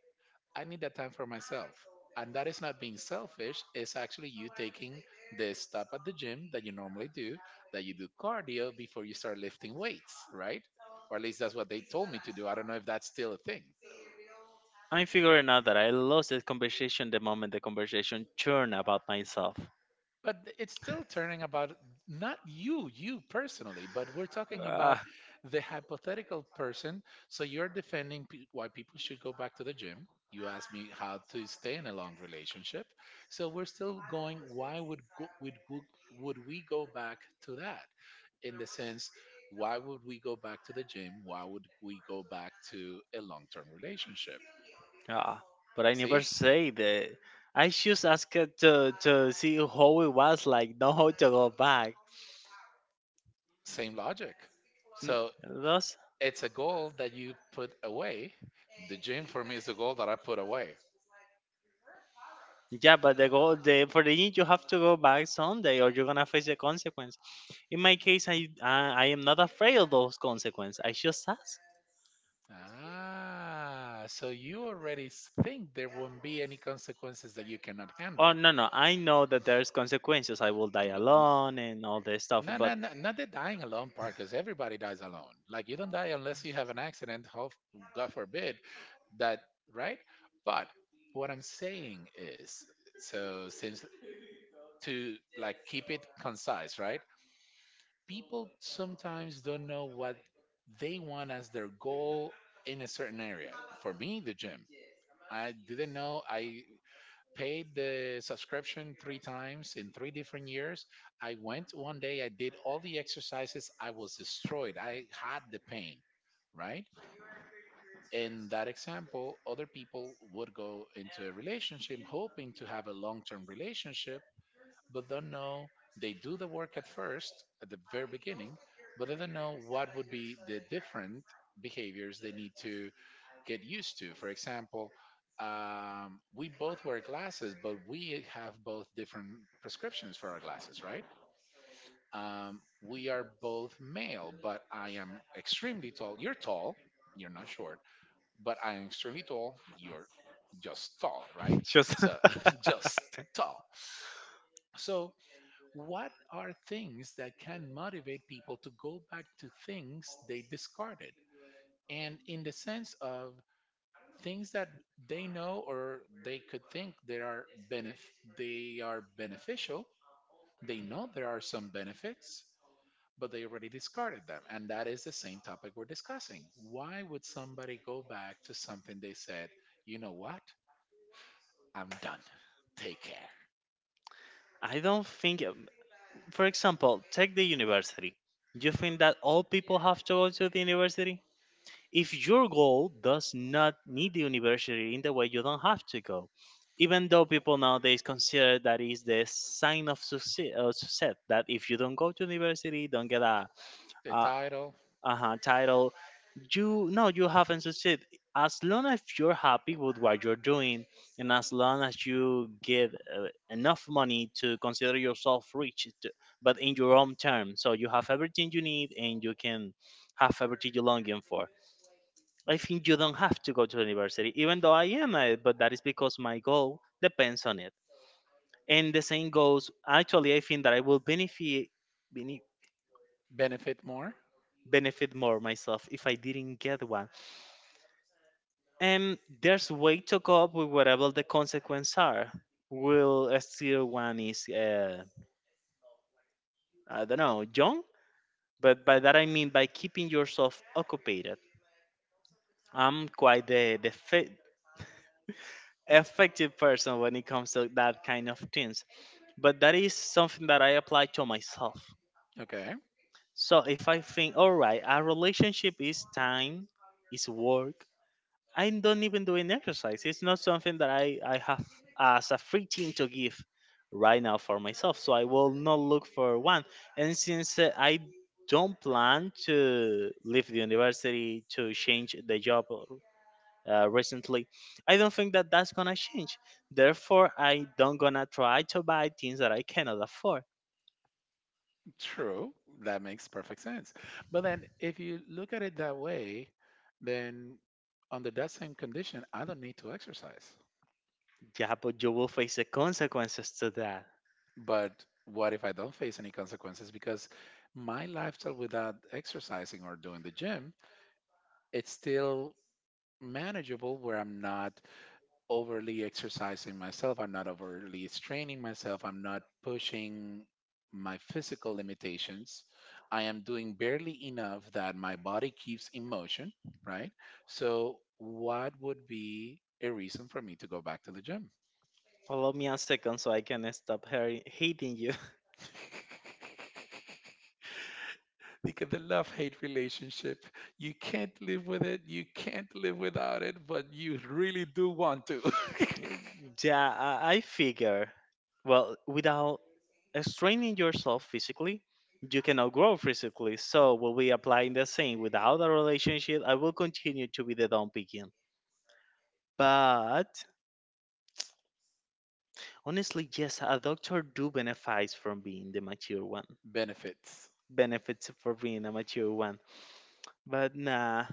I need that time for myself. And that is not being selfish, it's actually you taking the stop at the gym that you normally do, that you do cardio before you start lifting weights, right? Or at least that's what they told me to do. I don't know if that's still a thing.
I'm figuring out that I lost the conversation the moment the conversation turned about myself.
But it's still turning about not you, you personally, but we're talking about
Ah,
the hypothetical person. So you're defending why people should go back to the gym. You asked me how to stay in a long relationship. So we're still going, why would we go back to that? In the sense, why would we go back to the gym? Why would we go back to a long term relationship?
ah, but I never
See?
say that. I just asked her to see how it was like, not how to go back.
Same logic.
N-
So
Those
it's a goal that you put away. The gym for me is a goal that I put away.
Yeah, but the goal the for the in you have to go back Sunday, or you're gonna face the consequence. In my case, I am not afraid of those consequences. I just ask.
Ah, so you already think there won't be any consequences that you cannot
Oh
handle.
no no, I know that there's consequences. I will die
But n-
alone and all this stuff.
no, no,
But
no, not the dying alone part, because everybody dies alone. Like you don't die unless you have an accident, hope, God forbid, that, right? But what I'm saying is, so since to like keep it concise, right? People sometimes don't know what they want as their goal in a certain area. For me, the gym. I didn't know. I paid the subscription three times in three different years. I went one day, I did all the exercises. I was destroyed. I had the pain, right? In that example, other people would go into a relationship hoping to have a long term relationship, but don't know. They do the work at first, at the very beginning, but they don't know what would be the different behaviors they need to get used to. For example, we both wear glasses, but we have both different prescriptions for our glasses, right? We are both male, but I am extremely tall. You're tall, you're not short, but I am extremely tall. You're just tall, right?
just
So just tall. So, what are things that can motivate people to go back to things they discarded? And in the sense of things that they know or they could think they are they are beneficial. They know there are some benefits, but they already discarded them. And that is the same topic we're discussing. Why would somebody go back to something they said, you know what? I'm done. Take care.
I don't think. For example, take the university. You think that all people have to go to the university? If your goal does not need the university in the way, you don't have to go. Even though people nowadays consider that is the sign of success, that if you don't go to university, don't get a,
The
a
title,
uh title, you no, you haven't succeeded. As long as you're happy with what you're doing, and as long as you give enough money to consider yourself rich, t- but in your own terms, so you have everything you need and you can have everything you're longing for. I think you don't have to go to university, even though I am, but that is because my goal depends on it. And the same goes, actually, I think that I will bene-
benefit more.
benefit more myself if I didn't get one. And there's way to cope with whatever the consequences are. Will still one is, I don't know, young, but by that I mean by keeping yourself occupied. I'm quite the effective person when it comes to that kind of things. But that is something that I apply to myself.
Okay.
So if I think, all right, our relationship is time, is work, I don't even do an exercise. It's not something that I have as a free thing to give right now for myself. So I will not look for one. And since I don't plan to leave the university to change the job recently. I don't think that that's gonna change. Therefore, I don't gonna try to buy things that I cannot afford.
True, that makes perfect sense. But then if you look at it that way, then under that same condition, I don't need to exercise.
Yeah, but you will face the consequences to that.
But what if I don't face any consequences because my lifestyle without exercising or doing the gym, it's still manageable where I'm not overly exercising myself. I'm not overly straining myself. I'm not pushing my physical limitations. I am doing barely enough that my body keeps in motion, right? So, what would be a reason for me to go back to the gym?
Allow me a second so I can stop her- hating you.
Because the love hate relationship, you can't live with it, you can't live without it, but you really do want to.
Yeah, I figure. Well, without straining yourself physically, you cannot grow physically. So will we applying the same without a relationship? I will continue to be the dumb picking. But honestly, yes, a doctor do benefits from being the mature one.
Benefits.
Benefits for being a mature one. But nah,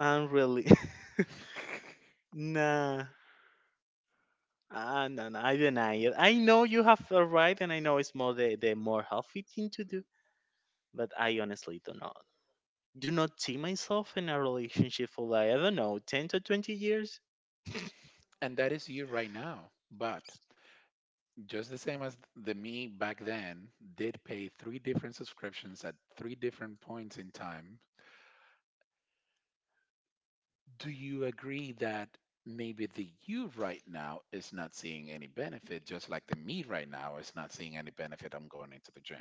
I'm really nah. No, no, I deny it. I know you have a right, and I know it's more the more healthy thing to do, but I honestly don't know. Do not see myself in a relationship for like I don't know, 10 to 20 years.
And that is you right now. But just the same as the me back then did pay three different subscriptions at three different points in time, do you agree that maybe the you right now is not seeing any benefit, just like the me right now is not seeing any benefit? I'm going into the gym.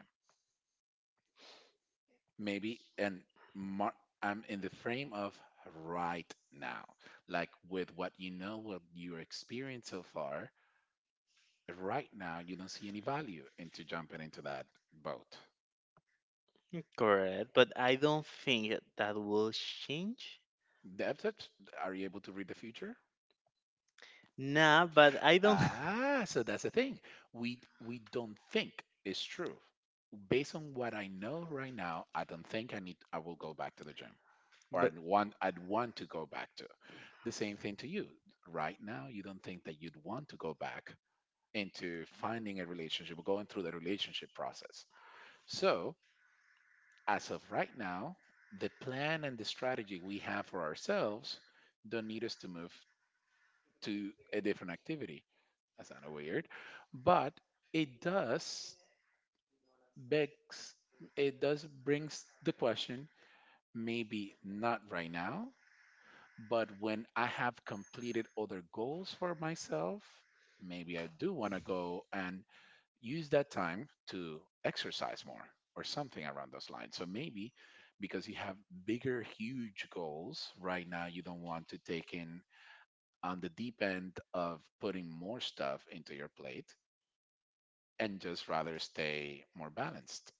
Maybe, and mar- I'm in the frame of right now, like with what you know, what you experienced so far. Right now, you don't see any value into jumping into that boat.
Correct, but I don't think that will change.
Depth, are you able to read the future?
Nah, but I don't.
Ah, so that's the thing. We don't think it's true. Based on what I know right now, I don't think I will go back to the gym. Or
But
I'd want to go back to. The same thing to you. Right now, you don't think that you'd want to go back into finding a relationship or going through the relationship process. So as of right now, the plan and the strategy we have for ourselves don't need us to move to a different activity. That's kind of weird, but it does begs it does brings the question, maybe not right now, but when I have completed other goals for myself, maybe I do want to go and use that time to exercise more or something around those lines. So maybe because you have bigger, huge goals right now, you don't want to take in on the deep end of putting more stuff into your plate and just rather stay more balanced.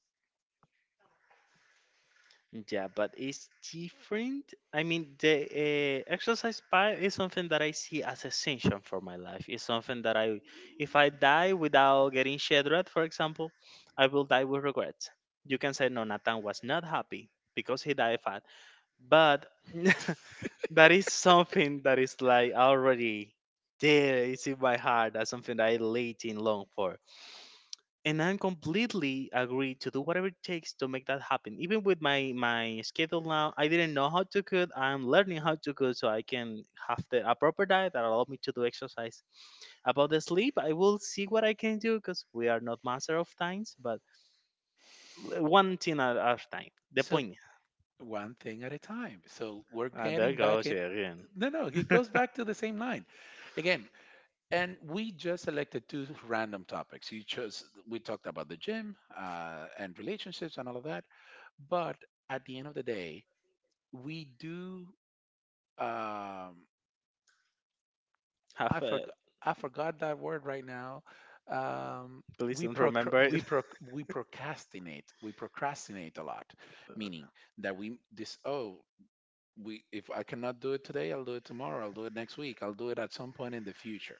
yeah, but it's different. I mean, the exercise part is something that I see as essential for my life. It's something that I, if I die without getting shed for example, I will die with regret. You can say, no, Nathan was not happy because he died fat, but that is something that is like already there. It's in my heart. That's something that I waiting long for, and I'm completely agree to do whatever it takes to make that happen. Even with my schedule now, I didn't know how to cook. I'm learning how to cook so I can have the a proper diet that allow me to do exercise. About the sleep, I will see what I can do because we are not master of times, but l- one thing at a time. The
So
point.
one thing at a time. So we're
Ah, there
getting back
goes it
it.
again.
No, no, it goes back to the same line again. And we just selected two random topics. You chose. We talked about the gym, and relationships and all of that. But at the end of the day, we do. Um, I
Half a
forgot I forgot that word right now. Um,
please don't remember it.
we procrastinate. We procrastinate a lot, meaning that we this oh we if I cannot do it today, I'll do it tomorrow. I'll do it next week. I'll do it at some point in the future.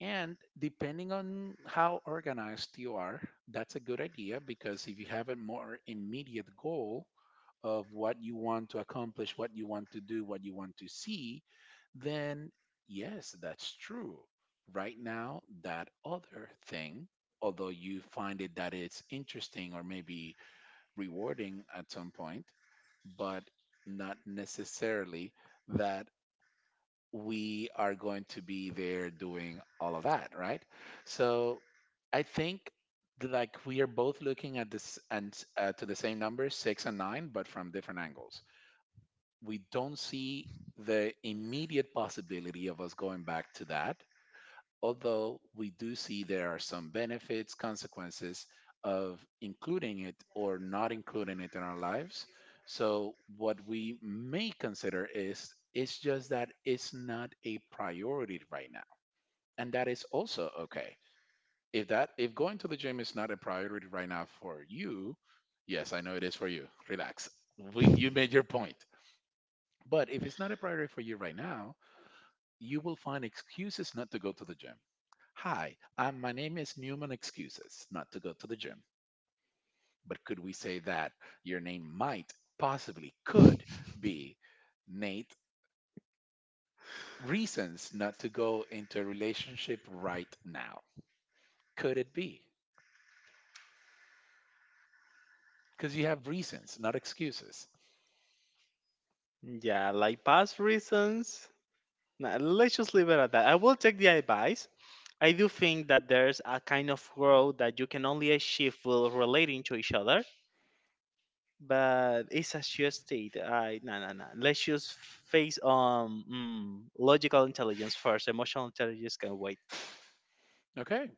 And depending on how organized you are, that's a good idea because if you have a more immediate goal of what you want to accomplish, what you want to do, what you want to see, then yes, that's true. Right now, that other thing, although you find it that it's interesting or maybe rewarding at some point, but not necessarily that we are going to be there doing all of that, right? So I think like we are both looking at this and to the same numbers, six and nine, but from different angles we don't see the immediate possibility of us going back to that, although we do see there are some benefits, consequences of including it or not including it in our lives. So, what we may consider is it's just that it's not a priority right now. And that is also okay. If that if going to the gym is not a priority right now for you, yes, I know it is for you. Relax. We, you made your point. But if it's not a priority for you right now, you will find excuses not to go to the gym. Hi, I'm, my name is Newman Excuses not to go to the gym. But could we say that your name might, possibly could be Nate Reasons not to go into a relationship right now? Could it be? Because you have reasons, not excuses.
Yeah, like past reasons. Nah, let's just leave it at that. I will take the advice. I do think that there's a kind of growth that you can only achieve while relating to each other, but it's a sheer state. I no no no. Let's just face logical intelligence first. Emotional intelligence can wait.
Okay,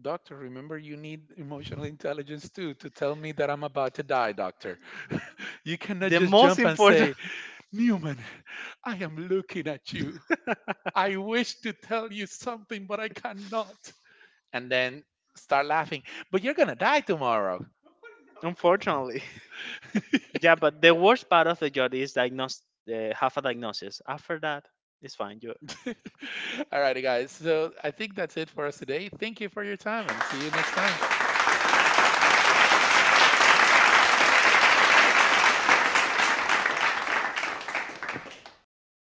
doctor, remember you need emotional intelligence too to tell me that I'm about to die, doctor. You cannot
The
just
most
jump and
important.
say, Newman, I am looking at you. I wish to tell you something, but I cannot. And then start laughing, but you're going to die tomorrow.
Unfortunately. Yeah, but the worst part of the job is diagnose, have a diagnosis. After that, it's fine. You
All righty, guys. So I think that's it for us today. Thank you for your time and see you next time.